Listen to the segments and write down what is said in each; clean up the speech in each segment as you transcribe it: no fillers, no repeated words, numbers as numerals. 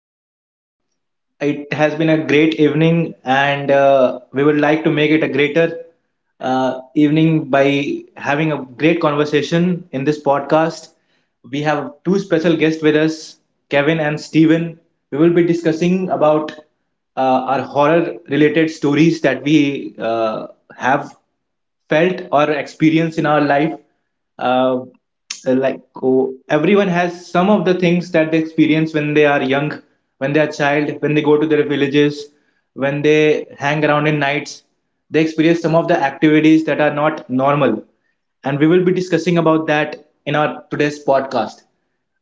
Uh, it has been a great evening, and we would like to make it a greater evening by having a great conversation in this podcast. We have two special guests with us, Kevin and Steven. We will be discussing about our horror related stories that we have felt or experienced in our life, uh, like oh, everyone has some of the things that they experience when they are young, when they are child, when they go to their villages, when they hang around in nights, they experience some of the activities that are not normal, and we will be discussing about that in our today's podcast.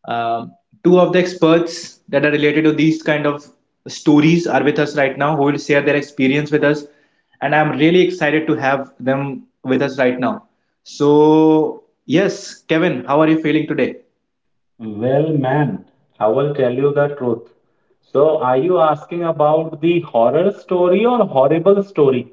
um, Two of the experts that are related to these kind of stories are with us right now, who will share their experience with us, and I'm really excited to have them with us right now. So yes, Kevin, how are you feeling today? Well, man, I will tell you the truth. So, are you asking about the horror story or horrible story?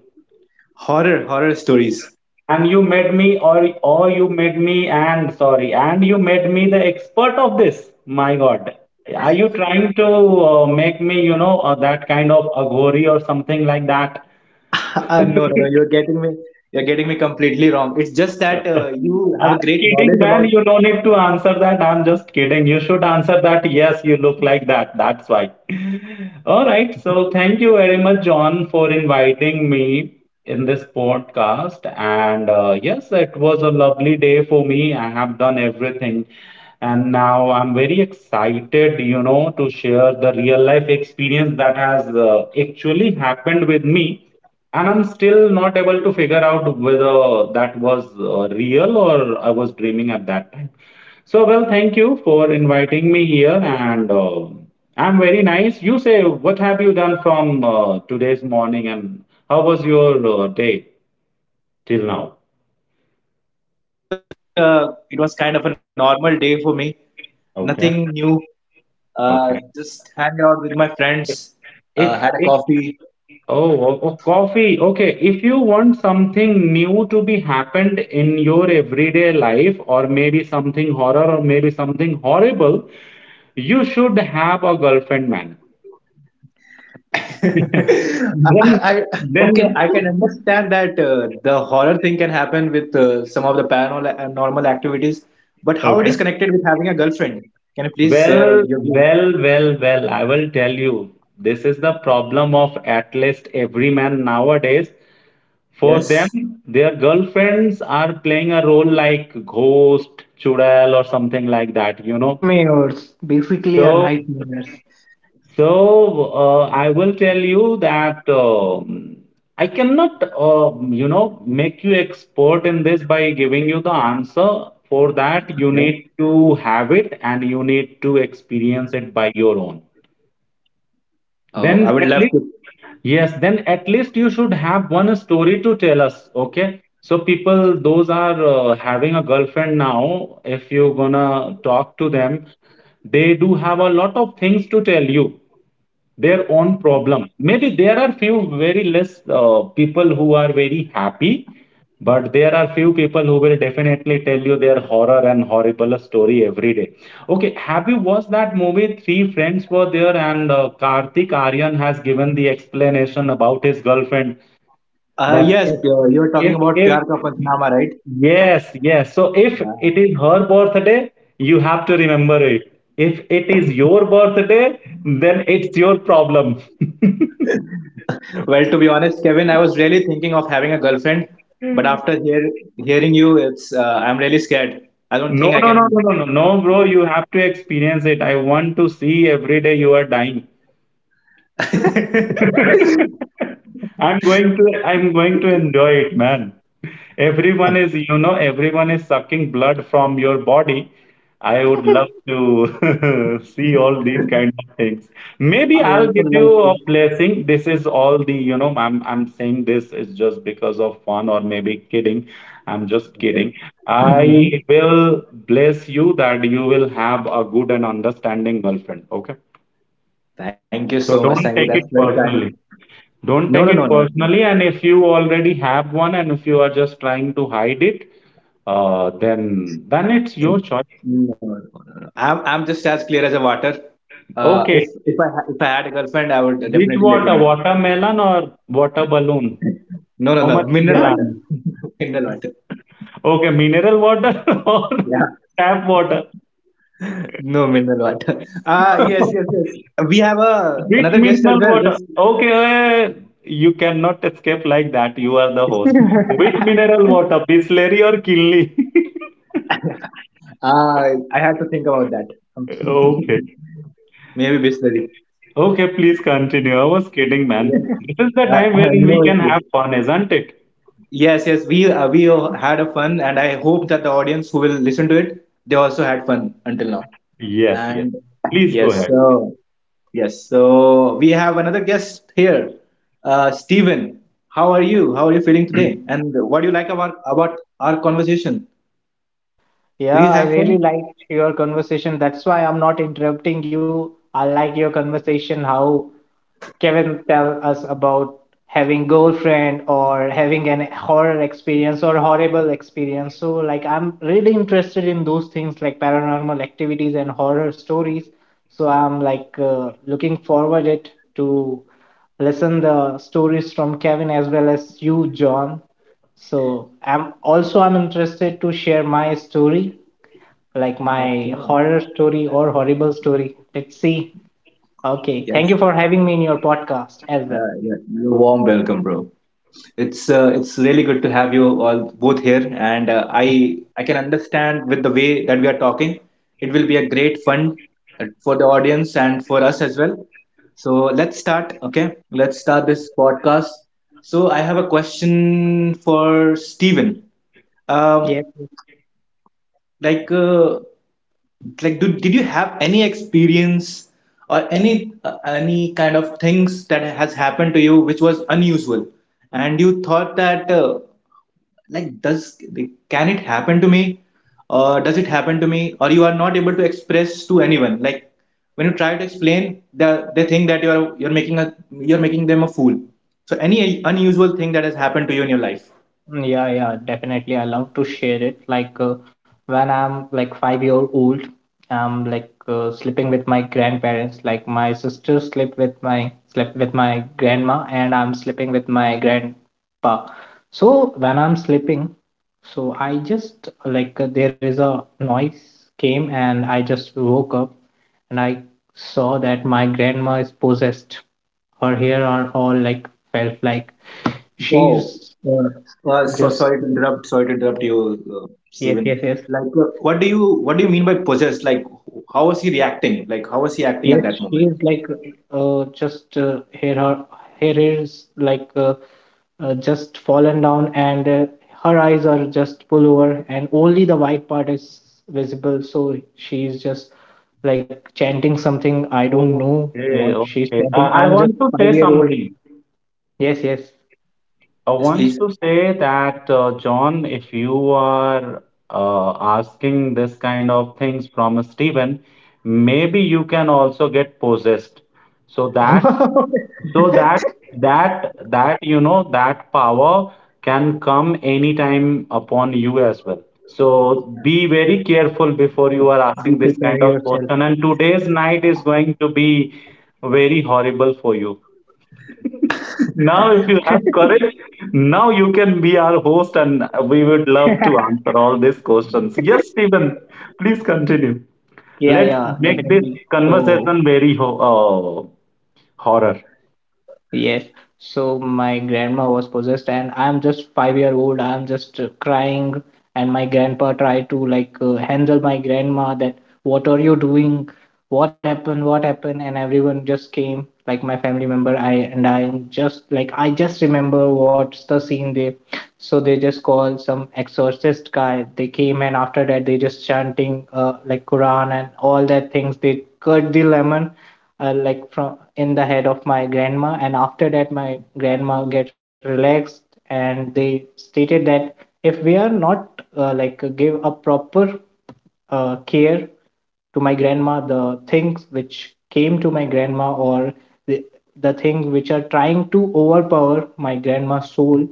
Horror stories. And you made me, or you made me, and sorry, and you made me the expert of this. My God, are you trying to make me, that kind of aghori or something like that? No, you're getting me completely wrong. It's just that you I'm have a great kidding, knowledge man. about. You no need to answer that. I'm just kidding. You should answer that. Yes, you look like that. That's why. All right. So thank you very much, John, for inviting me in this podcast. And yes, it was a lovely day for me. I have done everything. And now I'm very excited to share the real life experience that has actually happened with me, and I'm still not able to figure out whether that was real or I was dreaming at that time. So, well, thank you for inviting me here, and I'm very nice. You say, what have you done from today's morning, and how was your day till now? It was kind of a normal day for me. Okay, Nothing new. Okay. Just hang out with my friends. Had a If coffee. oh, oh, oh, coffee. Okay, if you want something new to be happened in your everyday life, or maybe something horror, or maybe something horrible, you should have a girlfriend, man. I, Then, I okay. then, I can understand that the horror thing can happen with some of the paranormal and normal activities, but how it okay. is connected with having a girlfriend? Can you please share Well, your view? well, I will tell you, this is the problem of at least every man nowadays. For them, Yes. their girlfriends are playing a role like ghost, chudal, or something like that, you know. Nightmares, basically a So, nightmares So, I will tell you that I cannot, make you expert in this by giving you the answer. For that, you Okay. need to have it and you need to experience it by your own. Oh, I Then would at love least, to. yes, then at least you should have one story to tell us. Okay. So people, those are having a girlfriend now. If you're gonna talk to them, they do have a lot of things to tell you their own problem. Maybe there are few very less people who are very happy, but there are few people who will definitely tell you their horror and horrible story every day. Okay, have you watched that movie? Three friends were there, and Karthik Aryan has given the explanation about his girlfriend that, Yes, Yes, you're talking about if Pyar Ka Panchnaama, right? yes, yes, so if it Yeah. is her birthday, you have to remember it. If it is your birthday, then it's your problem. Well, to be honest, Kevin, I was really thinking of having a girlfriend, but hearing you, it's I'm really scared. I don't No, think I no, no, no, no, can. no, no, bro. You have to experience it. I want to see every day you are dying. I I'm going to enjoy it, man. Everyone is sucking blood from your body. I would love to see all these kind of things. Maybe I'll also give love you a blessing. This is all the, I'm saying this is just because of fun or maybe kidding. I'm just kidding. Okay. I Mhm. will bless you that you will have a good and understanding girlfriend. Okay. Thank you So so much. don't Thank you. take it That's very personally. kind. Don't No, take no, it no, no. personally. And if you already have one and if you are just trying to hide it, then it's your No, choice. no, no, no. I'm just as clear as a water. Okay. If I had a girlfriend, I would Which definitely let you water? know. Watermelon or water balloon? No, no, How no. much Mineral clear are water. you? you. Mineral water. Okay, mineral water or Yeah. tap water? No mineral water. Ah, yes, yes, yes. We have a Which another guest as mineral well. water? Just Okay, you cannot escape like that. You are the host. Which mineral water? Bisleri or Kinley? uh, I had to think about that. Okay. Maybe Bisleri. Okay, please continue. I was kidding, man. Yes. This is the time Uh, wherein we no can issues. have fun, isn't it? Yes, yes. We had a fun, and I hope that the audience who will listen to it, they also had fun until now. Yes, yes. And Please go yes, ahead. so we have another guest here, Steven. How are you? How are you feeling today? And what do you like about our conversation? Do Yeah, you I have really fun? liked your conversation. That's why I'm not interrupting you. I like your conversation, how Kevin tell us about having girlfriend or having an horror experience or horrible experience. So like I'm really interested in those things like paranormal activities and horror stories. So I'm like looking forward it to listen the stories from Kevin as well as you, John. So I'm also I'm interested to share my story, like my Okay. horror story or horrible story. Let's see. Okay, Yes. thank you for having me in your podcast as well. Yeah, you're warm welcome, bro. It's really good to have you all both here, and I can understand with the way that we are talking, it will be a great fun for the audience and for us as well. So let's start. Okay, let's start this podcast. So I have a question for Steven. Um, Yep. like uh, did you have any experience or any kind of things that has happened to you which was unusual and you thought that like does can it happen to me, or does it happen to me, or you are not able to express to anyone, like when you try to explain they think that you're making them a fool? So any unusual thing that has happened to you in your life? Yeah, yeah, definitely. I love to share it. Like when I'm like 5 year old, I'm like sleeping with my grandparents. Like my sister slept with my grandma, and I'm sleeping with my grandpa. So when I'm sleeping, so I just like there is a noise came, and I just woke up, and I saw that my grandma is possessed. Her hair are all like felt like Wow. she's Just Sorry to interrupt you, yes, Stephen. What do you mean by possessed? Like how was he reacting? Like how was he acting at yes. that She moment? is like just hair her hair is like just fallen down, and her eyes are just pull over, and only the white part is visible. So she is just like chanting something. I don't know Okay, what she's okay. Chanting. I I'm want just to five say year old. something. Yes, yes. I Yes, want please. to say that, John, if you are uh, asking this kind of things from a Stephen, maybe you can also get possessed. So that So that that that you know that power can come anytime upon you as well. So be very careful before you are Be asking this kind prepare of yourself. question. And today's night is going to be very horrible for you. Now, if you have courage, now you can be our host, and we would love to answer all these questions. Yes, Stephen, please continue. Yeah, Let's yeah, make this definitely. So. conversation very horror. Yes. So my grandma was possessed, and I'm just 5 year old. I'm just crying, and my grandpa tried to like handle my grandma that what are you doing? What happened? What happened? And everyone just came, like my family member. I am just like I just remember what's the scene they. So they just call some exorcist guy. They came, and after that they just chanting like Quran and all that things. They cut the lemon like from in the head of my grandma, and after that my grandma get relaxed, and they stated that if we are not like give a proper care to my grandma, the things which came to my grandma or the, the things which are trying to overpower my grandma's soul,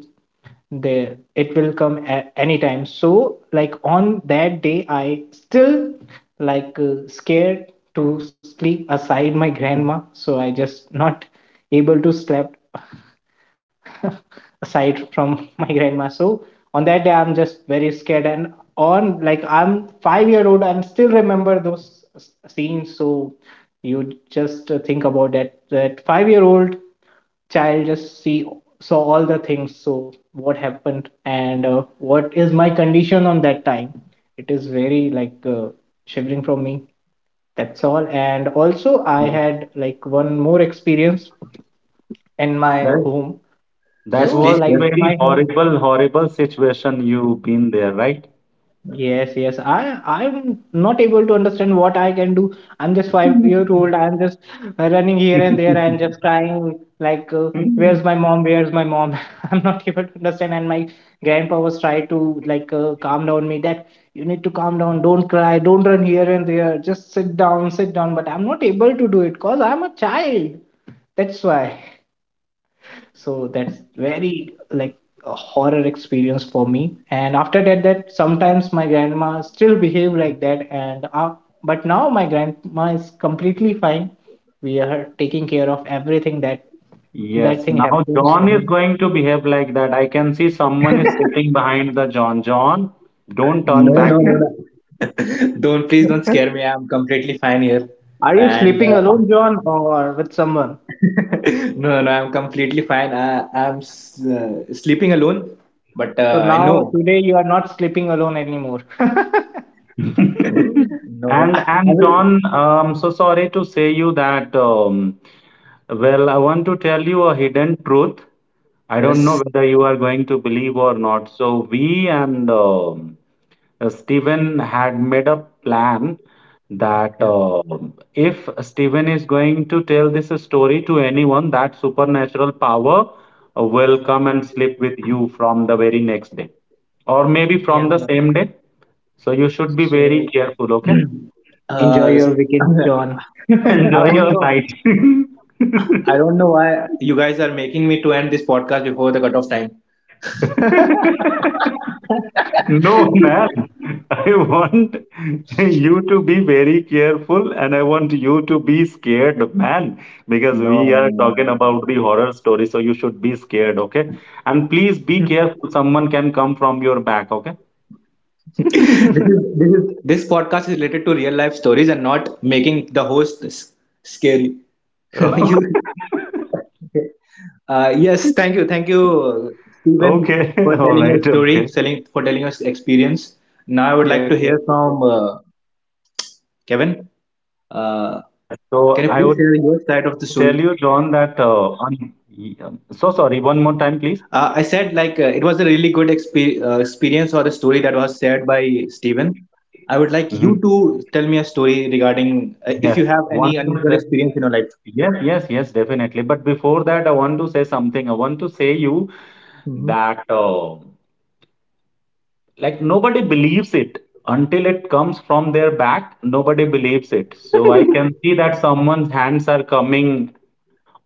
there it will come at any time. So like on that day I still like scared to sleep aside my grandma, so I just not able to slept aside from my grandma. So on that day, I'm just very scared. And on like I'm 5 year old and still remember those scenes. So you just think about that that 5 year old child just see saw all the things. So what happened, and what is my condition on that time? It is very like shivering from me. That's all. And also, I had like one more experience in my Yes, home. That yes So, please was the yes. like very my hope, horrible, horrible situation you've been there, right? yes, yes. I'm not able to understand what I can do. I'm just 5 year old. I'm just running here and there and just crying like, "Where's my mom? Where's my mom?" I'm not able to understand. And my grandpa was trying to like calm down me that you need to calm down. Don't cry. Don't run here and there. Just sit down, sit down. But I'm not able to do it because I'm a child. That's why. So that's very like a horror experience for me. And after that that sometimes my grandma still behave like that, and but now my grandma is completely fine. We are taking care of everything that that Yes, thing now happens John is in. going to behave like that. I can see someone is sitting behind the John. John, don't turn No, back no, no, no. Don't, please don't scare me. I'm completely fine here. Are you And sleeping alone, John, or with someone? no, no, I'm completely fine. I'm sleeping alone, but So I now. know. now today you are not sleeping alone anymore. No, no, And I and will. John, so sorry to say you that. Well, I want to tell you a hidden truth. I don't know Yes. whether you are going to believe or not. So we and Steven had made a plan that Yeah. If Steven is going to tell this story to anyone, that supernatural power will come and sleep with you from the very next day, or maybe Yeah. from the same day. So you should be very So careful, okay? enjoy your weekends, John. I Enjoy don't your know. night. I don't know why you guys are making me to end this podcast before the cutoff time. No, man. I want you to be very careful and I want you to be scared, man, because No. we are talking about the horror story, so you should be scared, okay? And please be careful, someone can come from your back, okay? this is this is this podcast is related to real life stories, and not making the host scary. you, okay. Uh, yes, thank Okay, you, all right, okay. Stephen, for telling your story, selling for telling us experience. Now I would like Yes, to yes. hear from Kevin. Uh, Yes, so can you I please would share tell you, your side John, of the that story? So sorry, one more time, please. I said it was a really good experience or a story that was shared by Steven. I would hmm like you to tell me a story regarding Yes, if you have one, any two, unusual experience in your life. yes, yes, yes, definitely. But before that, I want to say something. I want to say you Hmm. that like nobody believes it until it comes from their back. Nobody believes it. So I can see that someone's hands are coming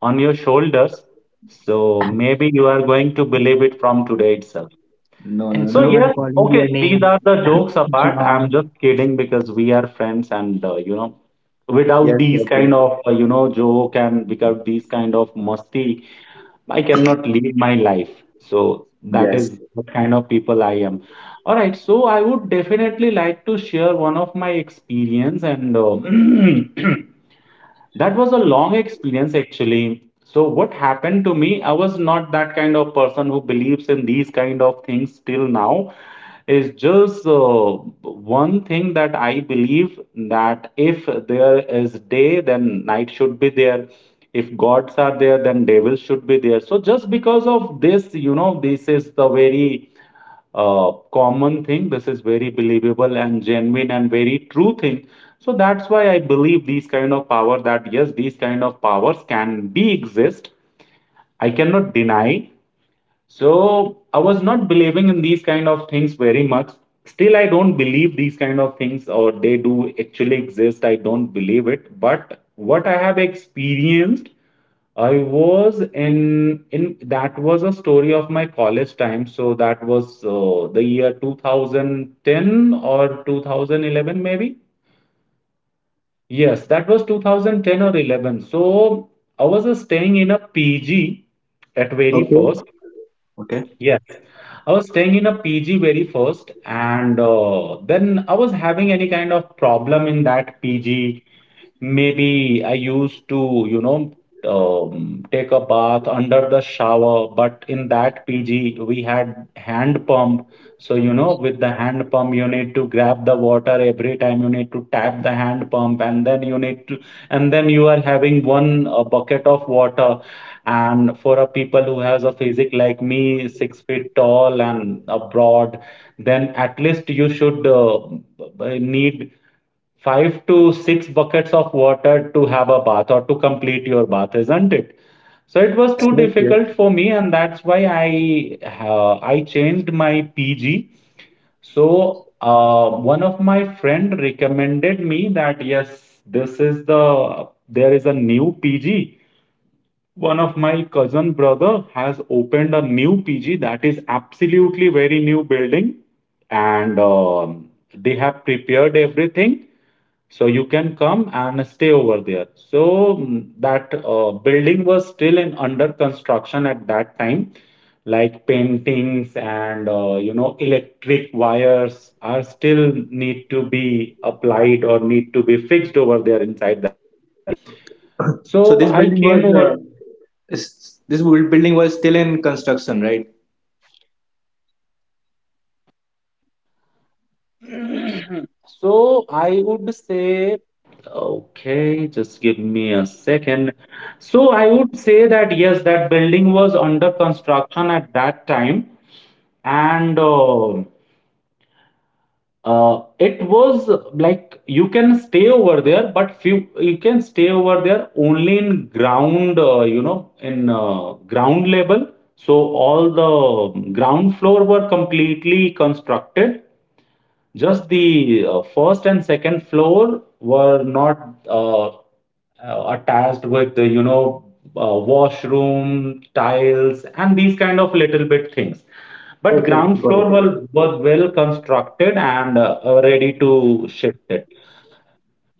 on your shoulders. So maybe you are going to believe it from today itself. No, no, And So no. yes, someone calling okay. your These are name, the jokes apart. I'm John. just kidding because we are friends, and without Yes, these yes, yes, kind of joke and without these kind of musty. I cannot live my life. So that yes. is the kind of people I am. All right. So I would definitely like to share one of my experience and that was a long experience, actually. So what happened to me, I was not that kind of person who believes in these kind of things till now. Is just one thing that I believe, that if there is day, then night should be there. If gods are there, then devils should be there. So just because of this, you know, this is the very common thing. This is very believable and genuine and very true thing. So that's why I believe these kind of power that yes, these kind of powers can be exist. I cannot deny. So I was not believing in these kind of things very much. Still, I don't believe these kind of things or they do actually exist. I don't believe it. But what I have experienced, I was in that was a story of my college time. So that was the year 2010 or 2011 maybe. Yes, that was 2010 or 11. So I was staying in a PG at very Okay, first. okay. Yes. I was staying in a PG very first, and then I was having any kind of problem in that PG. Maybe I used to, take a bath under the shower, but in that PG we had hand pump. So, with the hand pump, you need to grab the water every time. You need to tap the hand pump, and then and then you are having one bucket of water. And for a people who has a physique like me, 6 feet tall and broad, then at least you should need five to six buckets of water to have a bath or to complete your bath, isn't it? So it was Yes, too yes, yes. difficult for me, and that's why I changed my PG. So one of my friend recommended me that yes, this is the there is a new PG. One of my cousin brother has opened a new PG that is absolutely very new building, and they have prepared everything, so you can come and stay over there. So that building was still in under construction at that time, like paintings and electric wires are still need to be applied or need to be fixed over there inside that building. So So this I building was came over. Building was still in construction, right? And so I would say that yes, that building was under construction at that time, and it was like you can stay over there, but few you can stay over there only in ground, in ground level. So all the ground floor were completely constructed, just the first and second floor were not attached with the, washroom, tiles, and these kind of little bit things. Mhm, But yes, yes, ground got it. floor was well constructed and ready to shift it.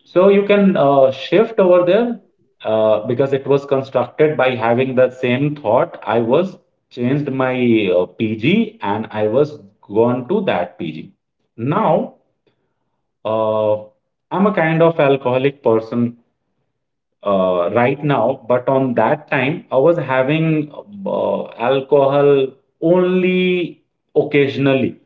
So you can shift over there because it was constructed by having the same thought. I was changed my PG, and I was gone to that PG. Now, uh, I'm a kind of alcoholic person right now, but on that time, I was having uh, alcohol only occasionally.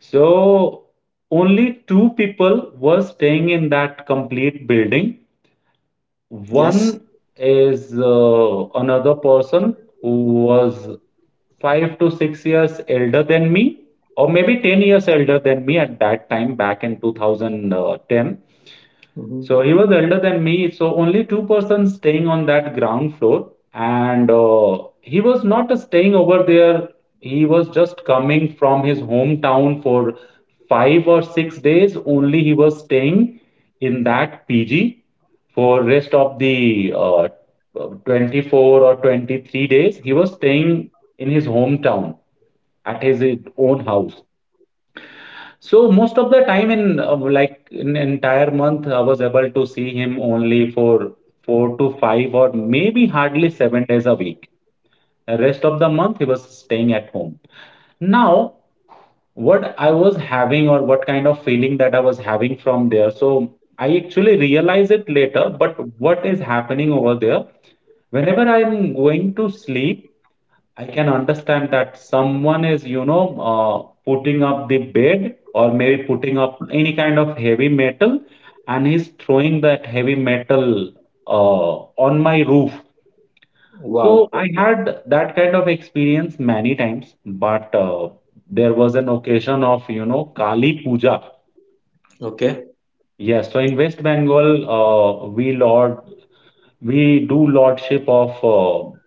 So only two people were staying in that complete building. Yes. One is another person who was 5 to 6 years elder than me, or maybe 10 years elder than me at that time back in 2010. Hmm. So he was elder than me. So only two persons staying on that ground floor, and he was not staying over there. He was just coming from his hometown for 5 or 6 days. Only he was staying in that PG for rest of the 24 or 23 days. He was staying in his hometown at his own house. So most of the time in like in entire month, I was able to see him only for four to five or maybe hardly 7 days a week. Rest of the month he was staying at home. Now, what I was having or what kind of feeling that I was having from there, so I actually realize it later, but what is happening over there, whenever I'm going to sleep, I can understand that someone is, you know, putting up the bed or maybe putting up any kind of heavy metal, and he's throwing that heavy metal uh, on my roof. So Wow. I had that kind of experience many times, but there was an occasion of, you know, Kali Puja. Okay. Yes, so in West Bengal, we do lordship of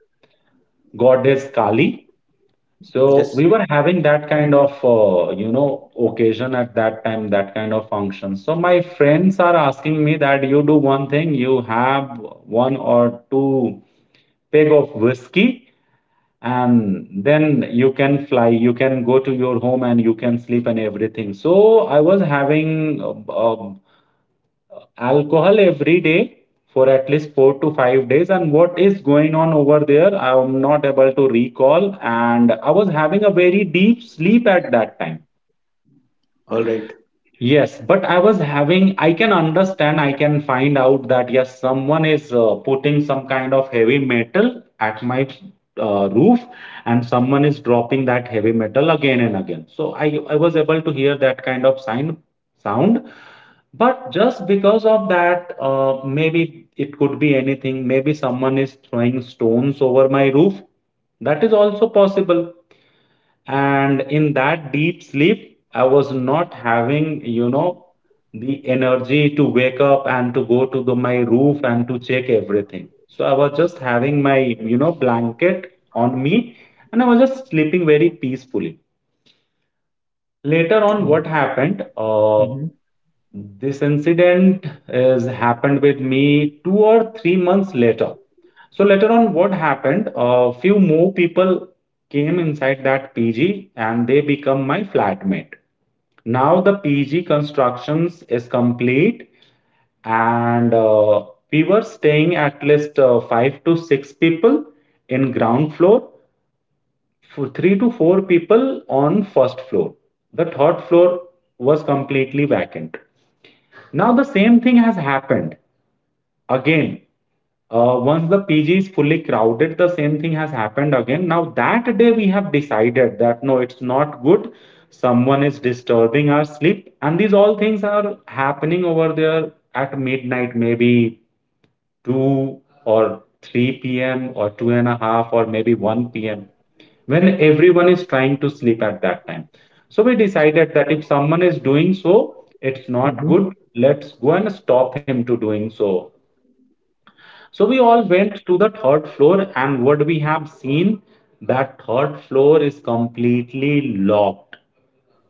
goddess Kali. So Yes. we were having that kind of, you know, occasion at that time, that kind of function. So my friends are asking me that you do one thing, you have one or two peg of whiskey, and then you can fly, you can go to your home and you can sleep and everything. So I was having a, alcohol every day for at least 4 to 5 days, and what is going on over there I'm not able to recall, and I was having a very deep sleep at that time. All right. Yes, but I was having, I can understand, I can find out that yes, someone is putting some kind of heavy metal at my roof, and someone is dropping that heavy metal again and again. So I was able to hear that kind of sound. But just because of that, maybe it could be anything. Maybe someone is throwing stones over my roof. That is also possible, and in that deep sleep I was not having, you know, the energy to wake up and to go to my roof and to check everything. So I was just having my, you know, blanket on me, and I was just sleeping very peacefully. Later on what Mm-hmm. happened, this incident is happened with me 2 or 3 months later. So later on what happened, a few more people came inside that PG and they become my flatmate. Now the PG constructions is complete, and we were staying at least five to six people in ground floor, for three to four people on first floor. The third floor was completely vacant. Now the same thing has happened again. Once the PG is fully crowded, the same thing has happened again. Now that day we have decided that no, it's not good. Someone is disturbing our sleep, and these all things are happening over there at midnight, maybe 2 or 3 p.m. or two and a half or maybe 1 p.m., when everyone is trying to sleep at that time. So we decided that if someone is doing so, it's not Mm-hmm. good. Let's go and stop him to doing so. So we all went to the third floor, and what we have seen that third floor is completely locked.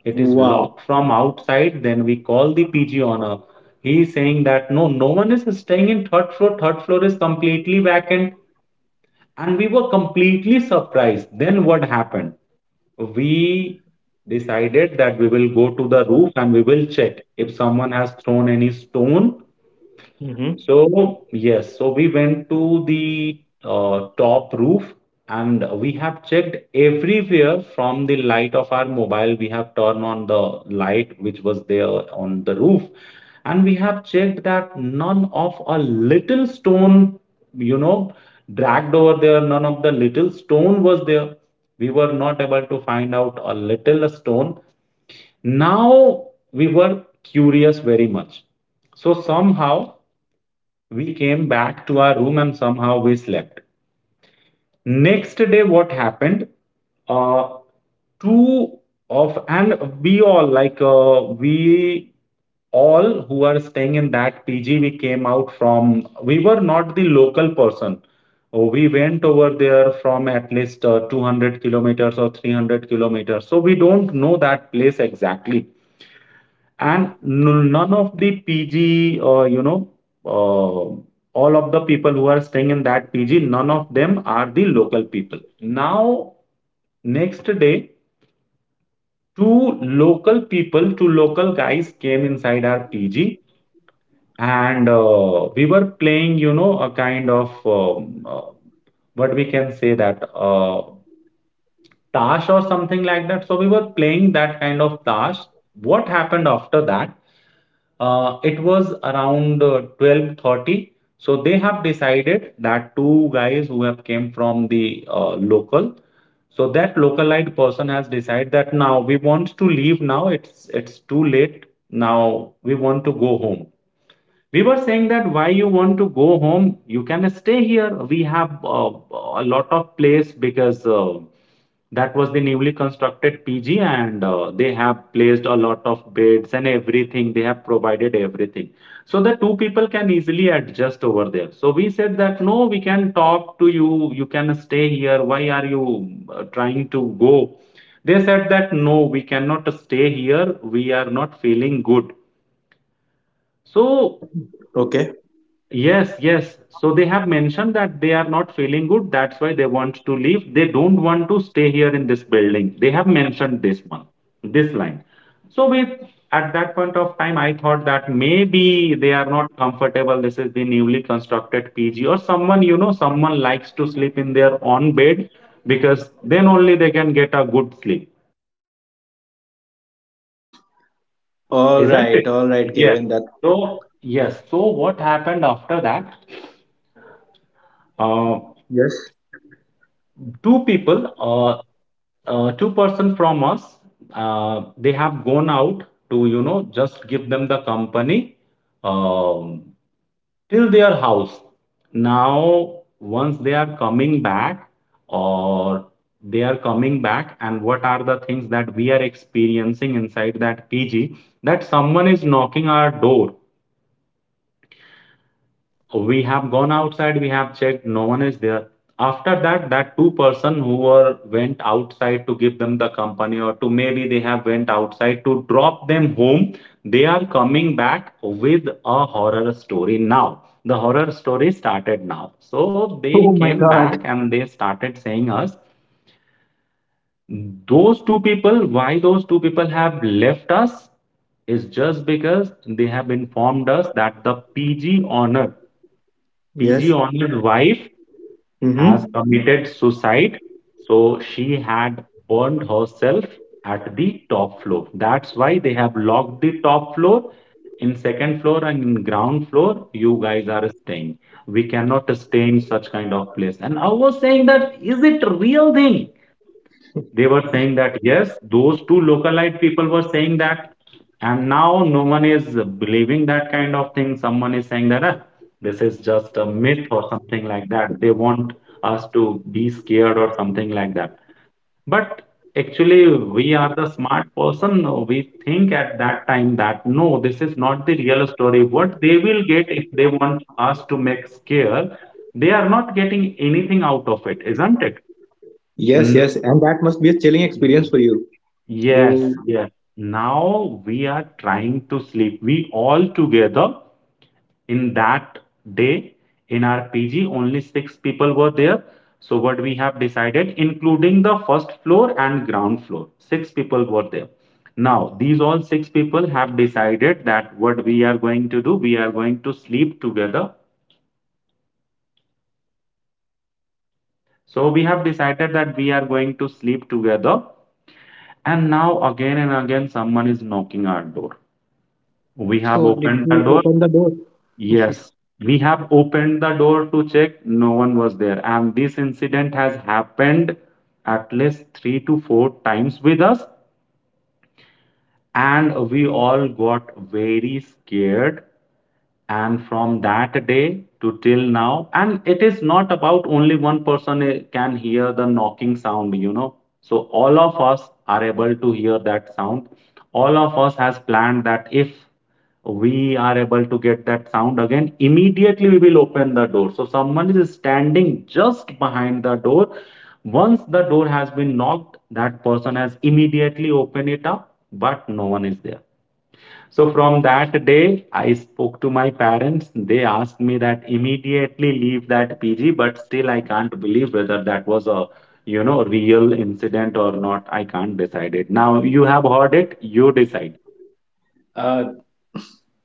It is Wow. locked from outside. Then we call the PG owner. He is saying that no, no one is staying in third floor, third floor is completely vacant. And we were completely surprised. Then what happened, we decided that we will go to the roof and we will check if someone has thrown any stone. Mm-hmm. So, yes, so we went to the top roof, and we have checked everywhere from the light of our mobile. We have turned on the light which was there on the roof, and we have checked that none of a little stone, you know, dragged over there, none of the little stone was there. We were not able to find out a little stone. Now we were curious very much. So, somehow, we came back to our room and somehow we slept. Next day, what happened? Uh, Two of and we all we all who are staying in that PG, we came out from, we were not the local person. We went over there from at least 200 kilometers or 300 kilometers, so we don't know that place exactly. And none of the PG, you know, all of the people who are staying in that PG, none of them are the local people. Now, next day, two local people, two local guys came inside our PG, and we were playing, you know, a kind of what we can say that tash or something like that. So we were playing that kind of tash. What happened after that? It was around 12:30, so they have decided that two guys who have came from the local, so that localite person has decided that now we want to leave, now it's too late, now we want to go home. We were saying that why you want to go home, you can stay here. We have a lot of place, because that was the newly constructed PG, and they have placed a lot of beds and everything. They have provided everything. So the two people can easily adjust over there. So we said that no, we can talk to you. You can stay here. Why are you trying to go? They said that no, we cannot stay here. We are not feeling good. So. Okay. Yes, yes. So they have mentioned that they are not feeling good. That's why they want to leave. They don't want to stay here in this building. They have mentioned this one, this line. So we, at that point of time, I thought that maybe they are not comfortable. This is the newly constructed PG, or someone, you know, someone likes to sleep in their own bed, because then only they can get a good sleep, All isn't it? right. All right, Yes. Kevin. That So yes. So what happened after that? Uh, yes, Two people two-person from us they have gone out to, you know, just give them the company um, till their house. Now once they are coming back, or they are coming back, and what are the things that we are experiencing inside that PG, that someone is knocking our door. So, we have gone outside, we have checked, no one is there. After that, that two-person who were went outside to give them the company, or to maybe they have went outside to drop them home, they are coming back with a horror story. Now the horror story started now. So they Oh my came back God. and they started saying us those two people why those two people have left us, is just because they have informed us that the pg owner PG yes. Onil's wife Mm-hmm. has committed suicide, so she had burned herself at the top floor. That's why they have locked the top floor. In second floor and in ground floor, you guys are staying. We cannot stay in such kind of place. And I was saying that is it real thing? They were saying that yes, those two localite people were saying that, and now no one is believing that kind of thing. Someone is saying that, "Ah, this is just a myth or something like that. They want us to be scared or something like that." But actually, we are the smart person. No, we think at that time that no, this is not the real story. What they will get if they want us to make scare, they are not getting anything out of it, isn't it? Yes, yes. And that must be a chilling Mm. experience for you. You, Yes, yes. Now we are trying to sleep. We all together in that day in our PG, only six people were there. So, what we have decided, including the first floor and ground floor, six people were there. Now, these all six people have decided that what we are going to do, we are going to sleep together. So, we have decided that we are going to sleep together. And now, again and again, someone is knocking our door. We have So did opened the you door. open the door? Yeah. Yes, we have opened the door to check, no one was there. And this incident has happened at least three to four times with us, Oh and my we God. all got very scared. And from that day to till now, and it is not about only one person can hear the knocking sound, you know, so all of us are able to hear that sound. All of us has planned that if we are able to get that sound again, immediately we will open the door, so someone is standing just behind the door. Once the door has been knocked, that person has immediately opened it up, but no one is there. So from that day, I spoke to my parents. They asked me that immediately leave that PG, but still I can't believe whether that was a real incident or not. I can't decide it. Now you have heard it, you decide. uh,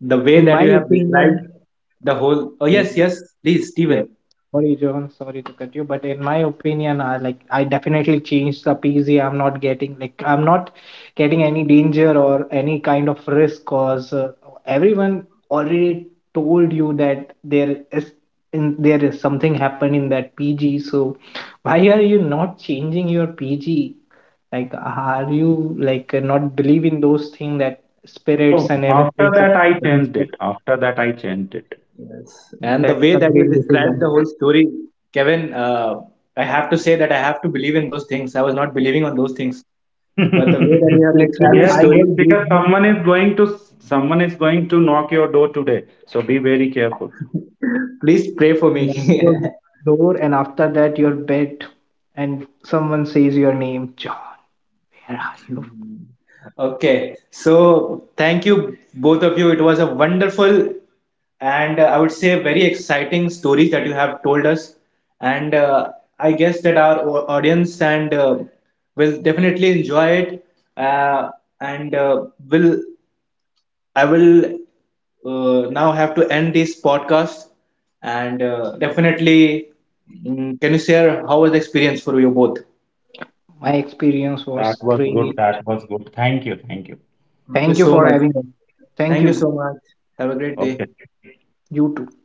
the way In that my you have described opinion, the whole. Oh like, yes, yes. Please, yeah. Stephen. Sorry, John. Sorry to cut you, but in my opinion, I definitely changed the PZ. I'm not getting any danger or any kind of risk, cause everyone already told you that there is something happened in that PG. So why are you not changing your PG? Like, are you like not believe in those things that spirits No, and after everything? So, that I changed it. After that I changed it. Yes. And the that's way a that you great described the decision. whole story, Kevin. I have to say that I have to believe in those things. I was not believing on those things, but the way that you have described Literally, the Yes, I yes, got story, because goosebumps someone is going to knock your door today. So be very careful. please pray for me. at your door, and after that, your bed, and someone says your name, John. Where are you? Okay, so thank you both of you. It was a wonderful, and I would say very exciting stories that you have told us. And I guess that our audience, and will definitely enjoy it. Uh, and will I will now have to end this podcast. And definitely, mm, can you share how was the experience for you both? My experience That was was good. great. That was good. Thank you. Thank you. Thank you Thank you so for much. having me. Thank Thank you you. so much. Have a great Okay. day. You too.